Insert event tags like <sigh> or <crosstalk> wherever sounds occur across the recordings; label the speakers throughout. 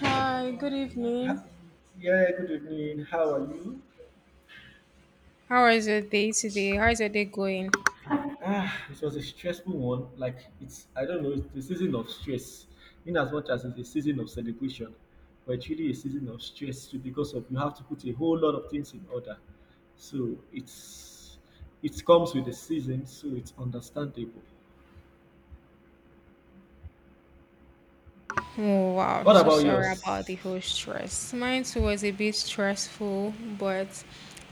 Speaker 1: Hi, good evening.
Speaker 2: Ha- Yeah, good evening. How are you?
Speaker 1: How is your day today? How is your day going?
Speaker 2: It was a stressful one. Like it's, I don't know, it's the season of stress. In as much as it's a season of celebration, but it's really a season of stress too because of you have to put a whole lot of things in order. So it comes with the season, so it's understandable.
Speaker 1: Oh wow,
Speaker 2: What
Speaker 1: so
Speaker 2: about
Speaker 1: sorry about the
Speaker 2: yours?
Speaker 1: whole stress. Mine too was a bit stressful, but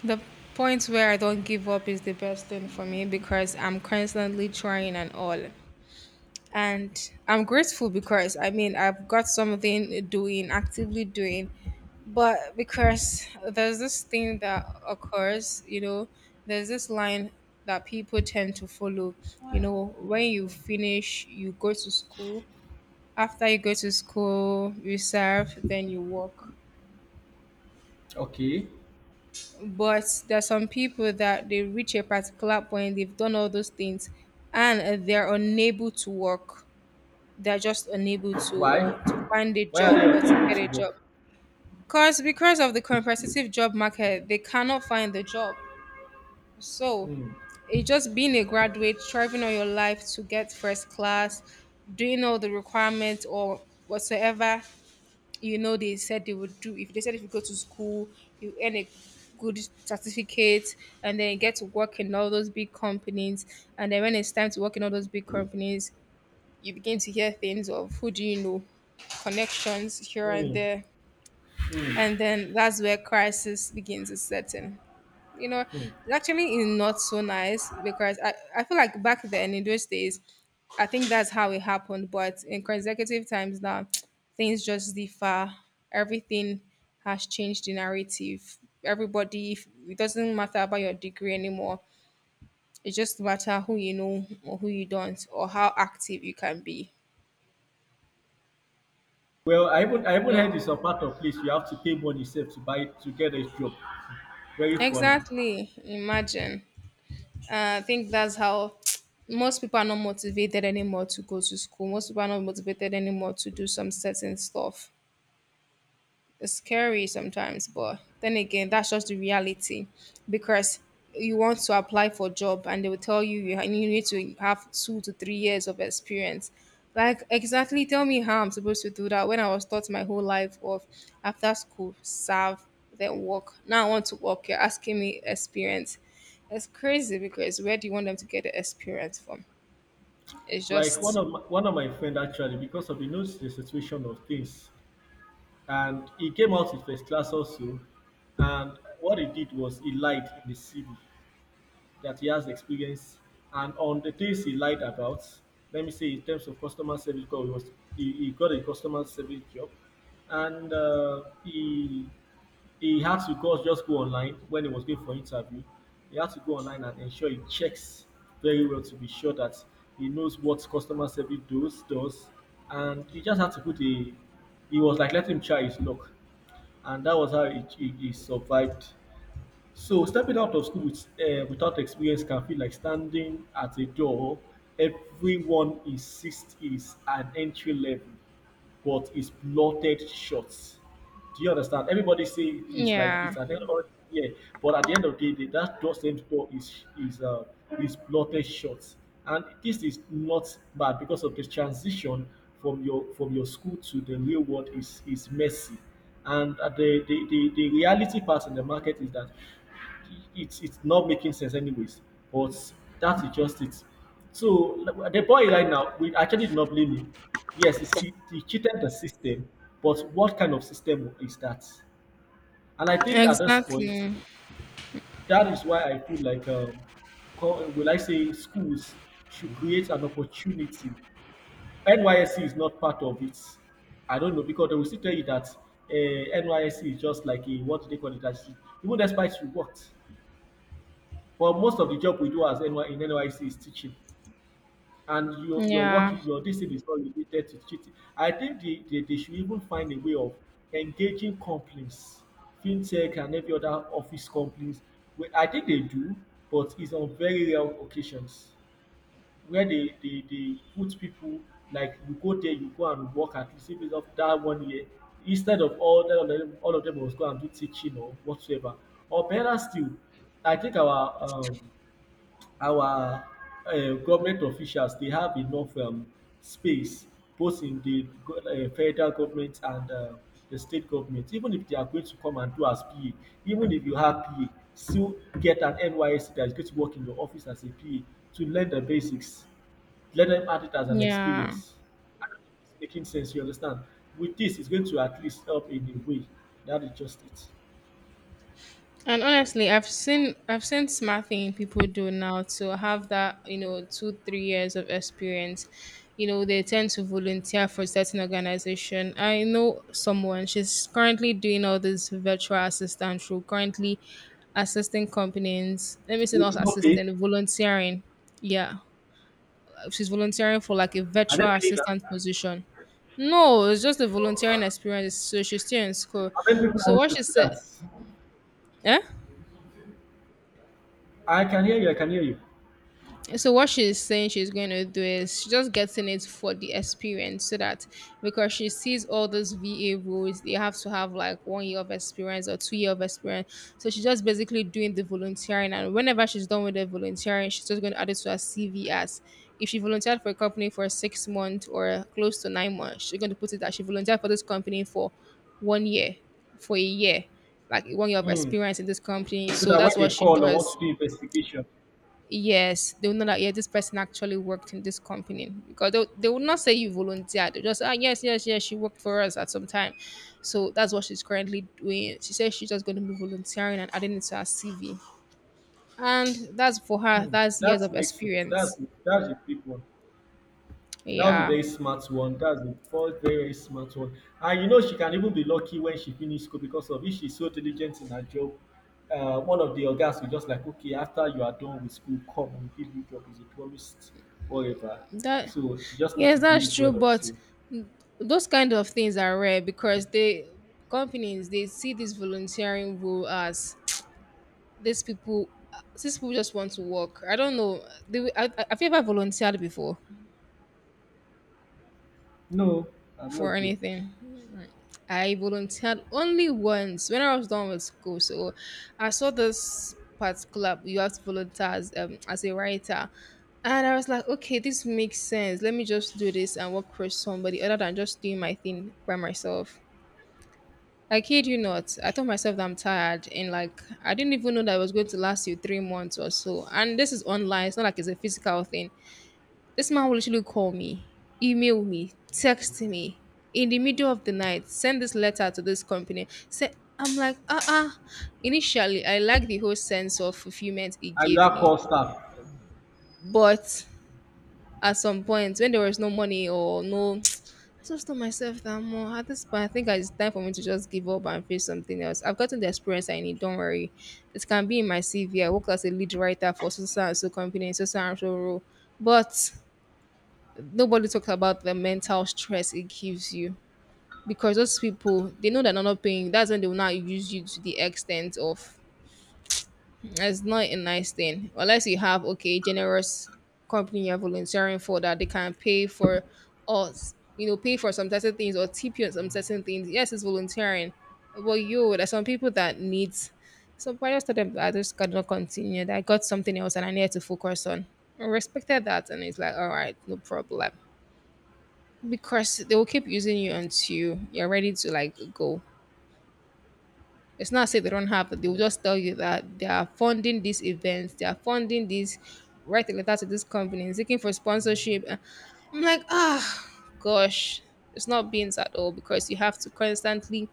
Speaker 1: the point where I don't give up is the best thing for me because I'm constantly trying and all. And I'm grateful because I mean I've got something doing, actively doing but because there's this thing that occurs. There's this line that people tend to follow. When you finish you go to school, after you go to school you serve then you work,
Speaker 2: Okay,
Speaker 1: but there's some people that they reach a particular point, they've done all those things and they're unable to work. They're just unable to,
Speaker 2: why?
Speaker 1: or to find a
Speaker 2: Why are
Speaker 1: job
Speaker 2: they
Speaker 1: or to get
Speaker 2: unable
Speaker 1: a
Speaker 2: to
Speaker 1: job
Speaker 2: work?
Speaker 1: because of the competitive job market they cannot find the job. So
Speaker 2: Hmm.
Speaker 1: it's just being a graduate, striving all your life to get first class, doing all the requirements or whatsoever, they said they would do. If they said if you go to school, you earn a good certificate and then you get to work in all those big companies. And then when it's time to work in all those big companies, you begin to hear things of who do you know, connections here and
Speaker 2: Hmm.
Speaker 1: there.
Speaker 2: Hmm.
Speaker 1: And then that's where crisis begins to set in,
Speaker 2: Hmm.
Speaker 1: it actually is not so nice because I feel like back then in those days, I think that's how it happened. But in consecutive times now, <tsk> things just differ. Everything has changed the narrative. Everybody, it doesn't matter about your degree anymore. It just matter who you know or who you don't or how active you can be.
Speaker 2: Well, I even
Speaker 1: You know,
Speaker 2: heard it's a part of place you have to pay money yourself to buy to get a job. Very funny.
Speaker 1: exactly. Imagine. I think that's how most people are not motivated anymore to go to school. Most people are not motivated anymore to do some certain stuff. It's scary sometimes, but then again, that's just the reality because you want to apply for job and they will tell you you need to have 2 to 3 years of experience. Like exactly tell me how I'm supposed to do that when I was taught my whole life of after school, serve, then work. Now I want to work, you're asking me experience. It's crazy because where do you want them to get the experience from? It's
Speaker 2: Like one
Speaker 1: just
Speaker 2: of my, one of my friend actually because of he knows the situation of things, and he came out with first class also. And what he did was he lied in the CV that he has experience. And on the things he lied about, let me say in terms of customer service, because he got a customer service job. And he had to go online when he was going for interview. He had to go online and ensure he checks very well to be sure that he knows what customer service does. And he just had to put a he was like let him try his luck, and that was how he survived. So stepping out of school without experience can feel like standing at a door everyone insists is an entry level, but is blotted short. Do you understand? Everybody say it's like it's
Speaker 1: yeah.
Speaker 2: an entry, yeah, but at the end of the day, that door same door is blotted short, and this is not bad because of the transition from your school to the real world is messy, and the reality part in the market is that it's not making sense anyways. But that is just it. So like, the boy right now, we actually did not blame him. Yes, he cheated the system, but what kind of system is that? And I think at this point,
Speaker 1: Exactly.
Speaker 2: that is why I feel like, will I say, schools should create an opportunity. NYSC is not part of it. I don't know because they will still tell you that NYSC is just like a what do they call it? Even despite you worked. But most of the job we do as NY in NYC is teaching, and your work,
Speaker 1: Yeah.
Speaker 2: your this thing is not related to teaching. I think they should even find a way of engaging companies, fintech and every other office companies. Well, I think they do, but it's on very rare occasions where they put people like you go there, you go and work at least if it's of that 1 year instead of all that of them, all of them must go and do teaching or whatsoever. Or better still, I think our government officials they have enough space both in the federal government and the state government, even if they are going to come and do as PA, even if you have PA still get an NYSC that is going to work in your office as a PA to learn the basics, let them add it as an
Speaker 1: Yeah.
Speaker 2: experience. I don't know if it's making sense, you understand. With this it's going to at least help in a way. That is just it.
Speaker 1: And honestly, I've seen smart thing people do now to have that, two, 3 years of experience. They tend to volunteer for certain organization. I know someone, she's currently doing all this virtual assistant role, currently assisting companies. Let me say not
Speaker 2: With no pay.
Speaker 1: assisting, volunteering. Yeah. She's volunteering for like a
Speaker 2: Are they
Speaker 1: virtual
Speaker 2: paying
Speaker 1: assistant
Speaker 2: am?
Speaker 1: position. No, it's just a volunteering experience. So she's still in school.
Speaker 2: How many people
Speaker 1: So
Speaker 2: wants
Speaker 1: what
Speaker 2: to
Speaker 1: she
Speaker 2: do that?
Speaker 1: said, eh?
Speaker 2: I can hear you. I can hear you.
Speaker 1: So what she's saying she's going to do is she's just getting it for the experience so that because she sees all those VA roles, they have to have like 1 year of experience or 2 year of experience. So she's just basically doing the volunteering and whenever she's done with the volunteering, she's just going to add it to her CV as if she volunteered for a company for 6 months or close to 9 months, she's going to put it that she volunteered for this company for 1 year, for a year, like 1 year of
Speaker 2: Hmm.
Speaker 1: experience in this company.
Speaker 2: So
Speaker 1: So
Speaker 2: that when
Speaker 1: that's what
Speaker 2: they
Speaker 1: she
Speaker 2: call or want to
Speaker 1: does.
Speaker 2: do investigation.
Speaker 1: Yes, they will know that yeah, this person actually worked in this company because they will not say you volunteered. They just yes yes yes she worked for us at some time, so that's what she's currently doing. She says she's just going to be volunteering and adding it to her CV, and that's for her.
Speaker 2: Hmm,
Speaker 1: That's
Speaker 2: that
Speaker 1: years of
Speaker 2: makes sense. That's
Speaker 1: experience.
Speaker 2: that's a big one. That was a
Speaker 1: Yeah,
Speaker 2: very smart one. That's a first very very smart one. And you know she can even be lucky when she finish school because of if she's so diligent in her job. One of the organs will just like okay after you are done with school come and give you job is a promised whatever.
Speaker 1: that
Speaker 2: So she just needs
Speaker 1: yes
Speaker 2: to
Speaker 1: that's
Speaker 2: behave
Speaker 1: true,
Speaker 2: well
Speaker 1: but
Speaker 2: also.
Speaker 1: those kind of things are rare because they companies they see this volunteering role as These people, these people just want to work. I don't know. Have you ever volunteered before
Speaker 2: No, I'm
Speaker 1: for
Speaker 2: not though.
Speaker 1: anything? I volunteered only once when I was done with school. So I saw this particular you have to volunteer as a writer. And I was like, okay, this makes sense. Let me just do this and work for somebody other than just doing my thing by myself. I kid you not. I told myself that I'm tired and like I didn't even know that it was going to last you 3 months or so. And this is online, it's not like it's a physical thing. This man will literally call me, email me, text me in the middle of the night, send this letter to this company. Say, I'm like, initially, I like the whole sense of fulfillment it
Speaker 2: And you
Speaker 1: gave
Speaker 2: have
Speaker 1: me.
Speaker 2: call staff.
Speaker 1: But at some point, when there was no money or no, <tsk> I just told myself that more at this point, I think it's time for me to just give up and face something else. I've gotten the experience I need, don't worry. It can be in my CV. I worked as a lead writer for so and so company, so and so role. But nobody talks about the mental stress it gives you because those people they know they're not paying that's when they will not use you to the extent of it's not a nice thing unless you have okay generous company you're volunteering for that they can pay for us, pay for some certain things or tip you on some certain things, yes it's volunteering but you there's some people that needs. So but I just told them that I just cannot continue that I got something else and I needed to focus on. I respected that and it's like all right no problem because they will keep using you until you're ready to like go. It's not say they don't have it. They will just tell you that they are funding these events, they are funding these. Write a letter to this company seeking for sponsorship. I'm like, ah, gosh, it's not beans at all because you have to constantly,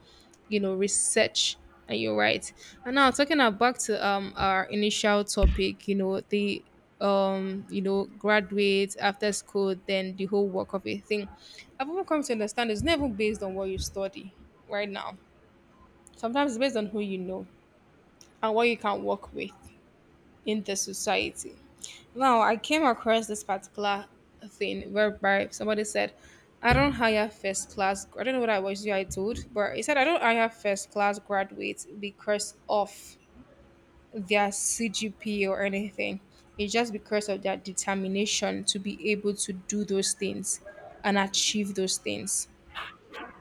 Speaker 1: research. And you're right. And now talking about back to our initial topic, the graduate after school, then the whole work of a thing. I've even come to understand it's never based on what you study right now. Sometimes it's based on who you know and what you can work with in the society now, I came across this particular thing whereby somebody said, I don't hire first class. I don't know what I was you I told, but he said, I don't hire first class graduates because of their CGP or anything. It's just because of their determination to be able to do those things and achieve those things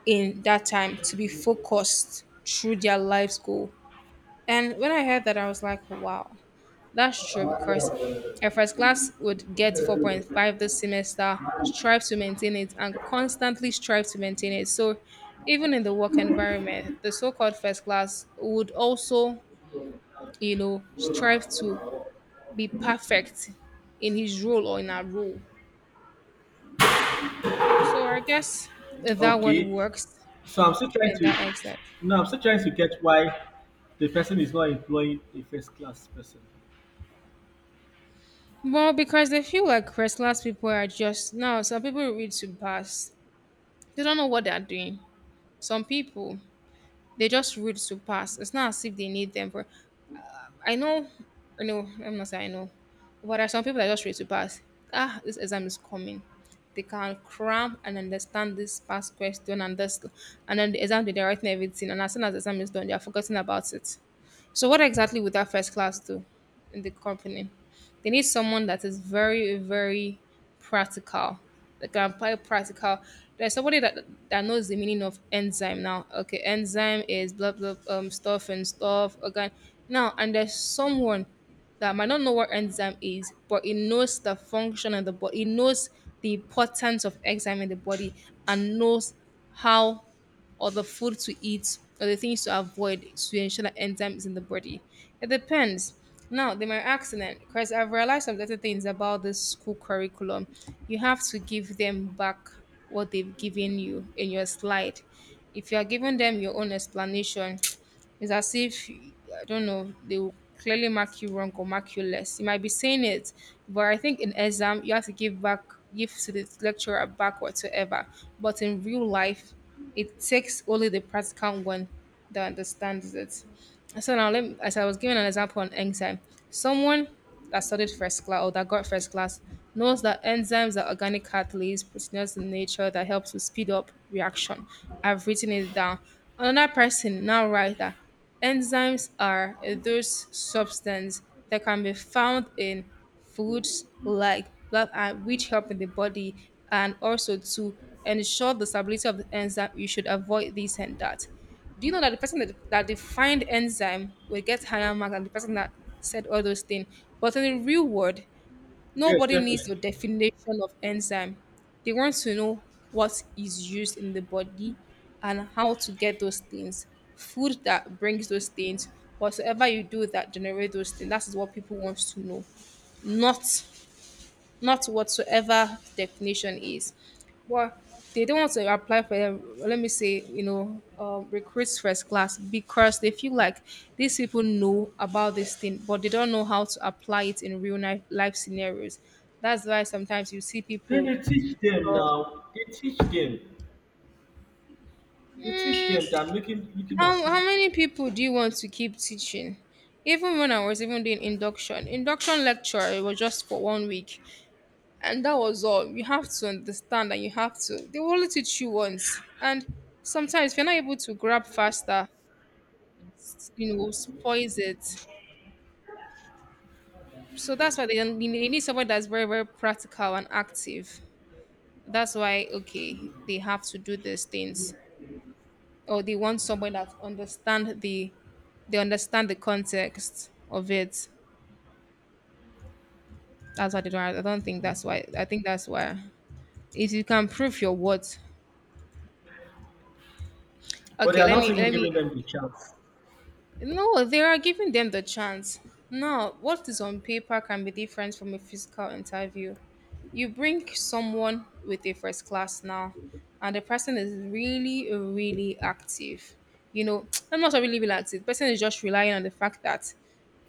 Speaker 1: in that time, to be focused through their life's goal. And when I heard that, I was like, wow. That's true because a
Speaker 2: Hmm.
Speaker 1: first class would get 4.5 this semester, strive to maintain it, and constantly strive to maintain it. So, even in the work environment, the so called first class would also, strive to be perfect in his role or in our role. So, I guess that one
Speaker 2: Okay.
Speaker 1: works
Speaker 2: So I'm still trying
Speaker 1: in
Speaker 2: to
Speaker 1: that extent.
Speaker 2: no, I'm still trying to get why the person is not employing a first class person.
Speaker 1: Well, because they feel like first class people are just now. Some people read to pass. They don't know what they're doing. Some people, they just rude to pass. It's not as if they need them. But I know, I know, I'm not saying I know, but there are some people that are just ready to pass. Ah, this exam is coming. They can cram and understand this past question and this, and then the exam day they're writing everything. And as soon as the exam is done, they are forgetting about it. So what exactly would that first class do in the company? They need someone that is very, very practical. That can apply practical. There's somebody that knows the meaning of enzyme now. Okay, enzyme is blah blah stuff and stuff. Okay. Now and there's someone that might not know what enzyme is, but it knows the function of the body, it knows the importance of enzyme in the body and knows how or the food to eat or the things to avoid to ensure that enzyme is in the body. It depends. Now, they might ask them because I've realized some certain things about this school curriculum. You have to give them back what they've given you in your slide. If you are giving them your own explanation, it's as if, I don't know, they will clearly mark you wrong or mark you less. You might be saying it, but I think in exam, you have to give back, give to the lecturer back whatsoever. But in real life, it takes only the practical one that understands it. So now, let me, as I was giving an example on exam, someone that studied first class or that got first class knows that enzymes are organic catalysts proteins in nature that help to speed up reaction. I've written it down. Another person now write that enzymes are those substances that can be found in foods like blood and which help in the body and also to ensure the stability of the enzyme you should avoid this and that. Do you know that the person that defined enzyme will get higher marks than the person that said all those things? But in the real world,
Speaker 2: Yes,
Speaker 1: nobody
Speaker 2: definitely.
Speaker 1: needs your definition of enzyme. They want to know what is used in the body and how to get those things. Food that brings those things, whatsoever you do that generate those things. That is what people want to know. Not not whatsoever definition is. But they don't want to apply for, let me say, recruits first class because they feel like these people know about this thing, but they don't know how to apply it in real life, life scenarios. That's why sometimes you see
Speaker 2: Then
Speaker 1: people.
Speaker 2: they teach them
Speaker 1: um,
Speaker 2: now. They teach them. They teach them that making looking
Speaker 1: how,
Speaker 2: as if-
Speaker 1: how many people do you want to keep teaching? Even when I was even doing induction lecture, it was just for 1 week. And that was all you have to understand, and you have to, they will only teach you once. And sometimes if you're not able to grab faster, you know, spoils it. So that's why they need someone that's very very practical and active. That's why okay they have to do these things, or they want someone that understand the, they understand the context of it. That's why they don't, I think that's why, if you can prove your worth.
Speaker 2: but they
Speaker 1: Okay,
Speaker 2: are
Speaker 1: let
Speaker 2: not
Speaker 1: me
Speaker 2: even
Speaker 1: let me
Speaker 2: giving them the chance.
Speaker 1: No, they are giving them the chance. Now, what is on paper can be different from a physical interview. You bring someone with a first class now, and the person is really, really active. You know, <tsk> I'm not sure really really active. Person is just relying on the fact that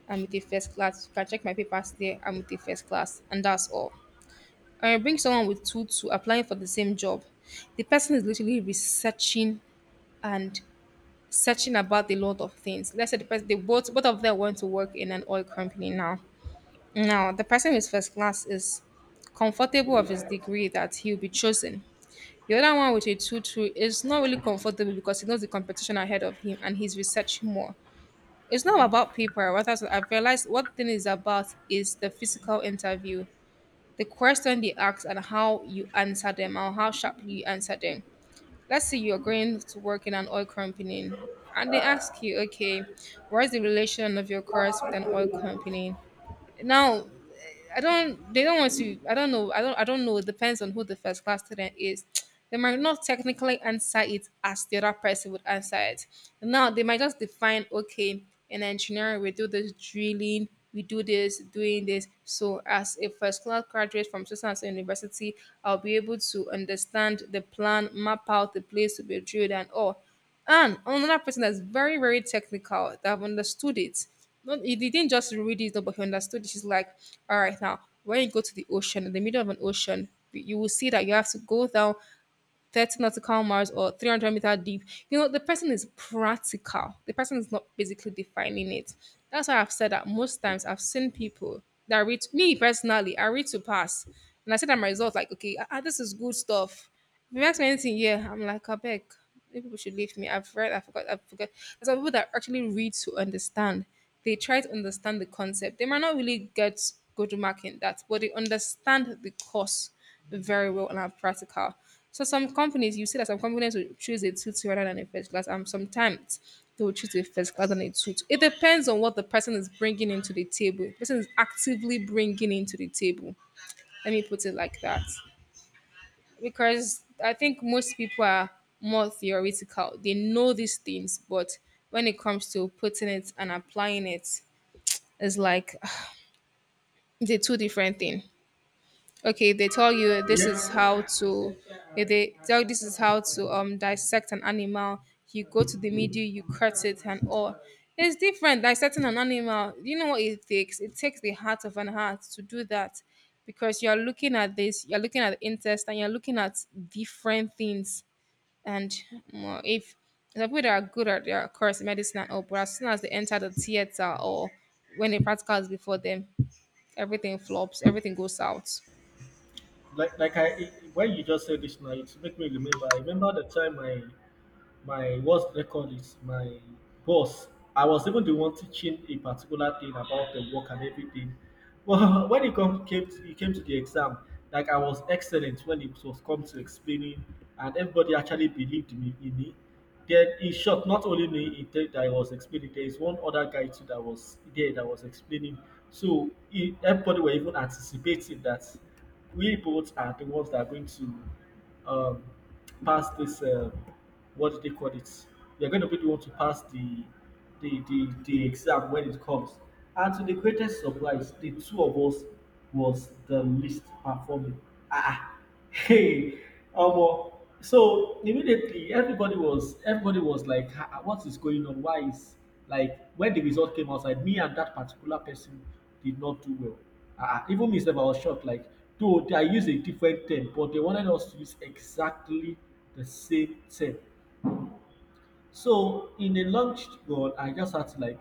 Speaker 1: I'm with a first class. You can check my papers there. I'm with a first class, and that's all. And I bring someone with two to applying for the same job. The person is literally researching and searching about a lot of things. Let's say the person, they both of them want to work in an oil company now. Now the person with first class is comfortable of his degree that he'll be chosen. The other one with a two two is not really comfortable because he knows the competition ahead of him and he's researching more. It's not about paper. What else- I've realized what thing is about is the physical interview, the question they ask and how you answer them and how sharply you answer them. Let's say you're going to work in an oil company, and they ask you, okay, what is the relation of your course with an oil company? Now, I don't. They don't want to. I don't know. I don't know. It depends on who the first class student is. They might not technically answer it as the other person would answer it. Now they might just define. Okay, in engineering we do this drilling. We do this, doing this. So, as a first class graduate from Susans University, I'll be able to understand the plan, map out the place to be drilled, and all. And another person that's very, very technical that have understood it. Not he didn't just read it, but he understood it. She's like, all right, now when you go to the ocean, in the middle of an ocean, you will see that you have to go down 30 nautical miles or 300-meter deep. You know, the person is practical. The person is not basically defining it. That's why I've said that most times I've seen people that read, me personally, I read to pass. And I see that my results like, okay, ah, ah, this is good stuff. If you ask me anything, yeah, I'm like, I beg. Maybe people should leave me. I've read, I forgot. There's some people that actually read to understand. They try to understand the concept. They might not really get good mark in that, but they understand the course very well and are practical. So some companies, you see that some companies will choose a tutor rather than a first class, and sometimes they will choose a first class than a tutor. It depends on what the person is bringing into the table. The person is actively bringing into the table. Let me put it like that because I think most people are more theoretical. They know these things, but when it comes to putting it and applying it, it's like <sighs> the two different thing. Okay, they tell you this is
Speaker 2: Yeah.
Speaker 1: how to. If they tell you this is how to dissect an animal, you go to the media, you cut it and all. It's different dissecting an animal. You know what it takes? It takes the heart of an heart to do that because you're looking at this, you're looking at the intestine, you're looking at different things and well, if the people that are good at their course, in medicine and all, but as soon as they enter the theater or when a practical is before them, everything flops, everything goes out.
Speaker 2: Like I when you just said this now, it make me remember. I remember the time I my worst record is my boss. I was even the one teaching a particular thing about the work and everything. Well, <laughs> when it came to the exam, like I was excellent when it was come to explaining, and everybody actually believed me in it. Then in short, not only me in that I was explaining, there is one other guy too that was there that was explaining. So everybody were even anticipating that we both are the ones that are going to um, pass this. What do they call it? We are going to be the one to pass the exam when it comes. And to the greatest surprise, the two of us was the least performing. Ah, ah. Hey, um, so immediately everybody was like, "Ah, ah, what is going on? Why is Like when the result came outside, me and that particular person did not do well. Ah, ah, even myself, I was shocked. Like, though I used a different term, but they wanted us to use exactly the same term. So in a long run, I just had to like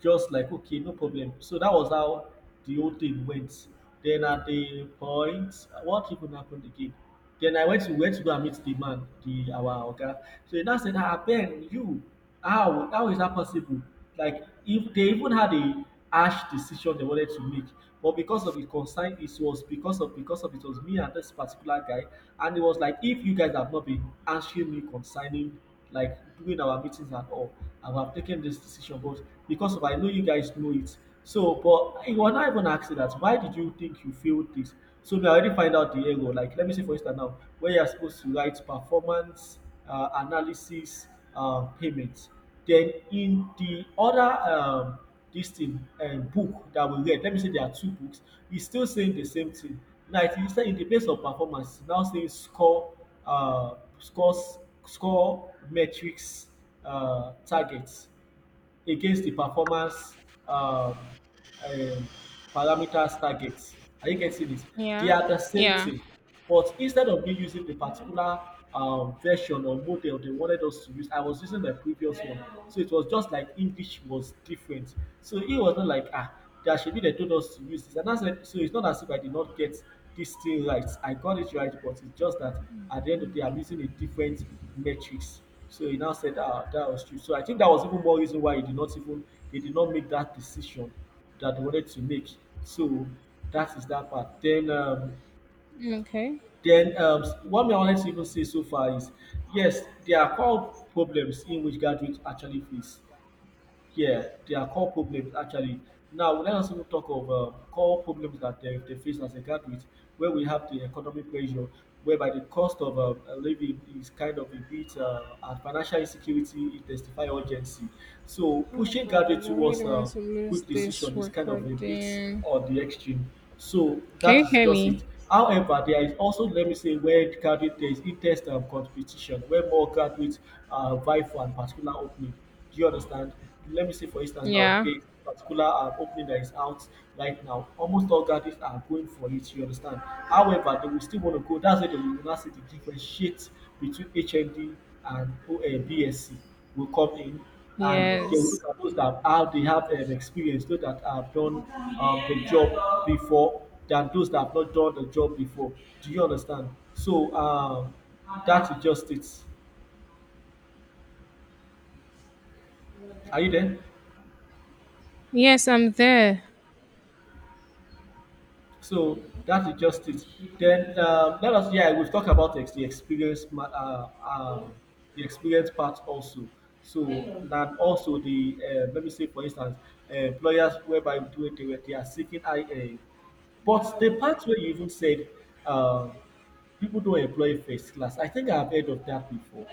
Speaker 2: just like okay, no problem. So that was how the whole thing went. Then at the point, what even happened again? Then I went to went to go and meet the man, the our oga. So he now said, "Ah Ben, you how is that possible?" Like if they even had a harsh decision they wanted to make. But because of the concern, it was because of it was me and this particular guy, and it was like if you guys have not been answering me concerning like doing our meetings and all, I would have taken this decision. But because of I know you guys know it, so but it was not even asking that why did you think you failed this? So we already find out the error. Like let me say for instance now, where you are supposed to write performance analysis payments. Then in the other dis thing book that we read, let me say there are two books, e still saying the same thing. Now it is saying in the place of performance, e now say score scores score metrics target against the performance um, um, parameters targets. Are you getting it? They
Speaker 1: Yeah,
Speaker 2: are the same
Speaker 1: yeah.
Speaker 2: thing, but instead of me using the particular version or model they wanted us to use, I was using the previous one. So it was just like English was different. So it was not like there should be they told us to use this. And I said, so it's not as if I did not get this thing right. I got it right, but it's just that at the end of the day, I'm using a different matrix. So he now said, "Ah, that was true." So I think that was even more reason why he did not even they did not make that decision that they wanted to make. So that is that part. Then
Speaker 1: Okay.
Speaker 2: one thing I wanted to even say so far is, yes, there are core problems in which graduates actually face, yeah, there are core problems actually. Now, let us even talk of core problems that they face as a graduate, where we have the economic pressure, whereby the cost of living is kind of a bit, and financial insecurity intensify urgency. So,
Speaker 1: Oh
Speaker 2: pushing
Speaker 1: god, I
Speaker 2: graduates
Speaker 1: really
Speaker 2: towards
Speaker 1: don't want to lose
Speaker 2: quick
Speaker 1: this
Speaker 2: decision is kind of a bit
Speaker 1: recording.
Speaker 2: on the extreme. So,
Speaker 1: Can
Speaker 2: that
Speaker 1: you
Speaker 2: is
Speaker 1: hear
Speaker 2: just it.
Speaker 1: me?
Speaker 2: However, there is also, let me say, where graduate there is intense competition, where more graduates vie for a particular opening. Do you understand? Let me say for instance now
Speaker 1: Yeah.
Speaker 2: this particular opening that is out right now, almost all gadgets are going for it, you understand. However, they will still want to go. That's where they will now see the differentiate between HMD and BSC will come in, and they will look
Speaker 1: Yes.
Speaker 2: at those that how they have experience, those that have done the job before than those that have not done the job before. Do you understand? So that is just it. Are you there?
Speaker 1: Yes, I'm there.
Speaker 2: So that is just it. Then let us, yeah, we've talked about the experience the experience part also. So and also the let me say for instance employers whereby doing they are seeking I but the part where you even said um, people don't employ first class. I think I've heard of that before,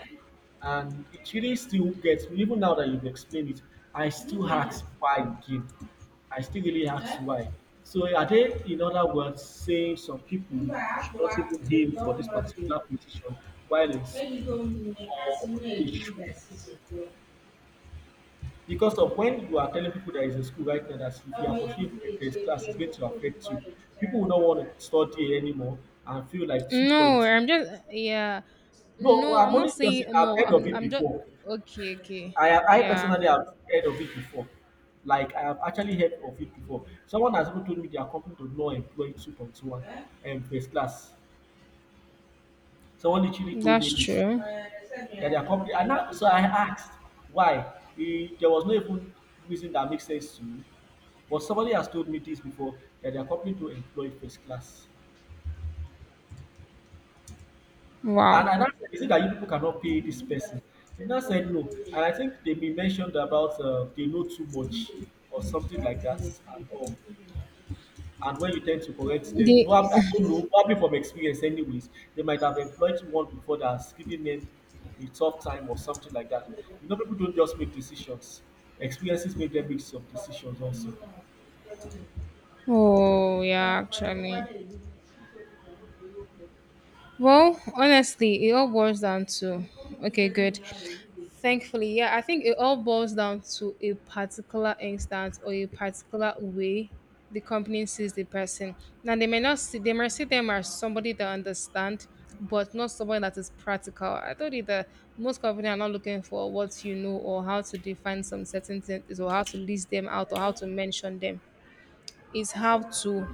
Speaker 2: and it really still gets me even now that you've explained it. I still ask why again. I still really ask why. So are they in other words saying some people should not even aim for this particular position while in school, or they should, because of when you are telling people that is in school right now that if you are pursuing a class it's going to affect you, people will not want to study anymore and feel like
Speaker 1: No,
Speaker 2: 2.2.
Speaker 1: I'm just yeah.
Speaker 2: No, well,
Speaker 1: No,
Speaker 2: I'm
Speaker 1: I'm not
Speaker 2: only just
Speaker 1: saying
Speaker 2: I've
Speaker 1: no.
Speaker 2: heard of it
Speaker 1: I'm just
Speaker 2: before.
Speaker 1: okay, okay.
Speaker 2: I
Speaker 1: Yeah.
Speaker 2: personally have heard of it before. Like I have actually heard of it before. Someone has even told me their company does not employ 2.1 first class. Someone literally told me
Speaker 1: That's
Speaker 2: this
Speaker 1: true.
Speaker 2: that their company. And now, so I asked why. There was no even reason that makes sense to me. But somebody has told me this before that their company don't employ first class.
Speaker 1: Wow.
Speaker 2: And I now said, is it that you people cannot pay this person? He now said no. And I think they may mentioned about they know too much or something like that and all. And when you tend to correct them,
Speaker 1: The
Speaker 2: probably I don't know, probably from experience anyways, they might have employed one before that has given them a tough time or something like that. You know, people don't just make decisions. Experiences make them make some decisions also.
Speaker 1: oh yeah, actually. Well, honestly, it all boils down to okay, good. Thankfully, yeah, I think it all boils down to a particular instance or a particular way the company sees the person. Now they may not see, they may see them as somebody that understand, but not somebody that is practical. I told you that most companies are not looking for what you know or how to define some certain things or how to list them out or how to mention them. It's how to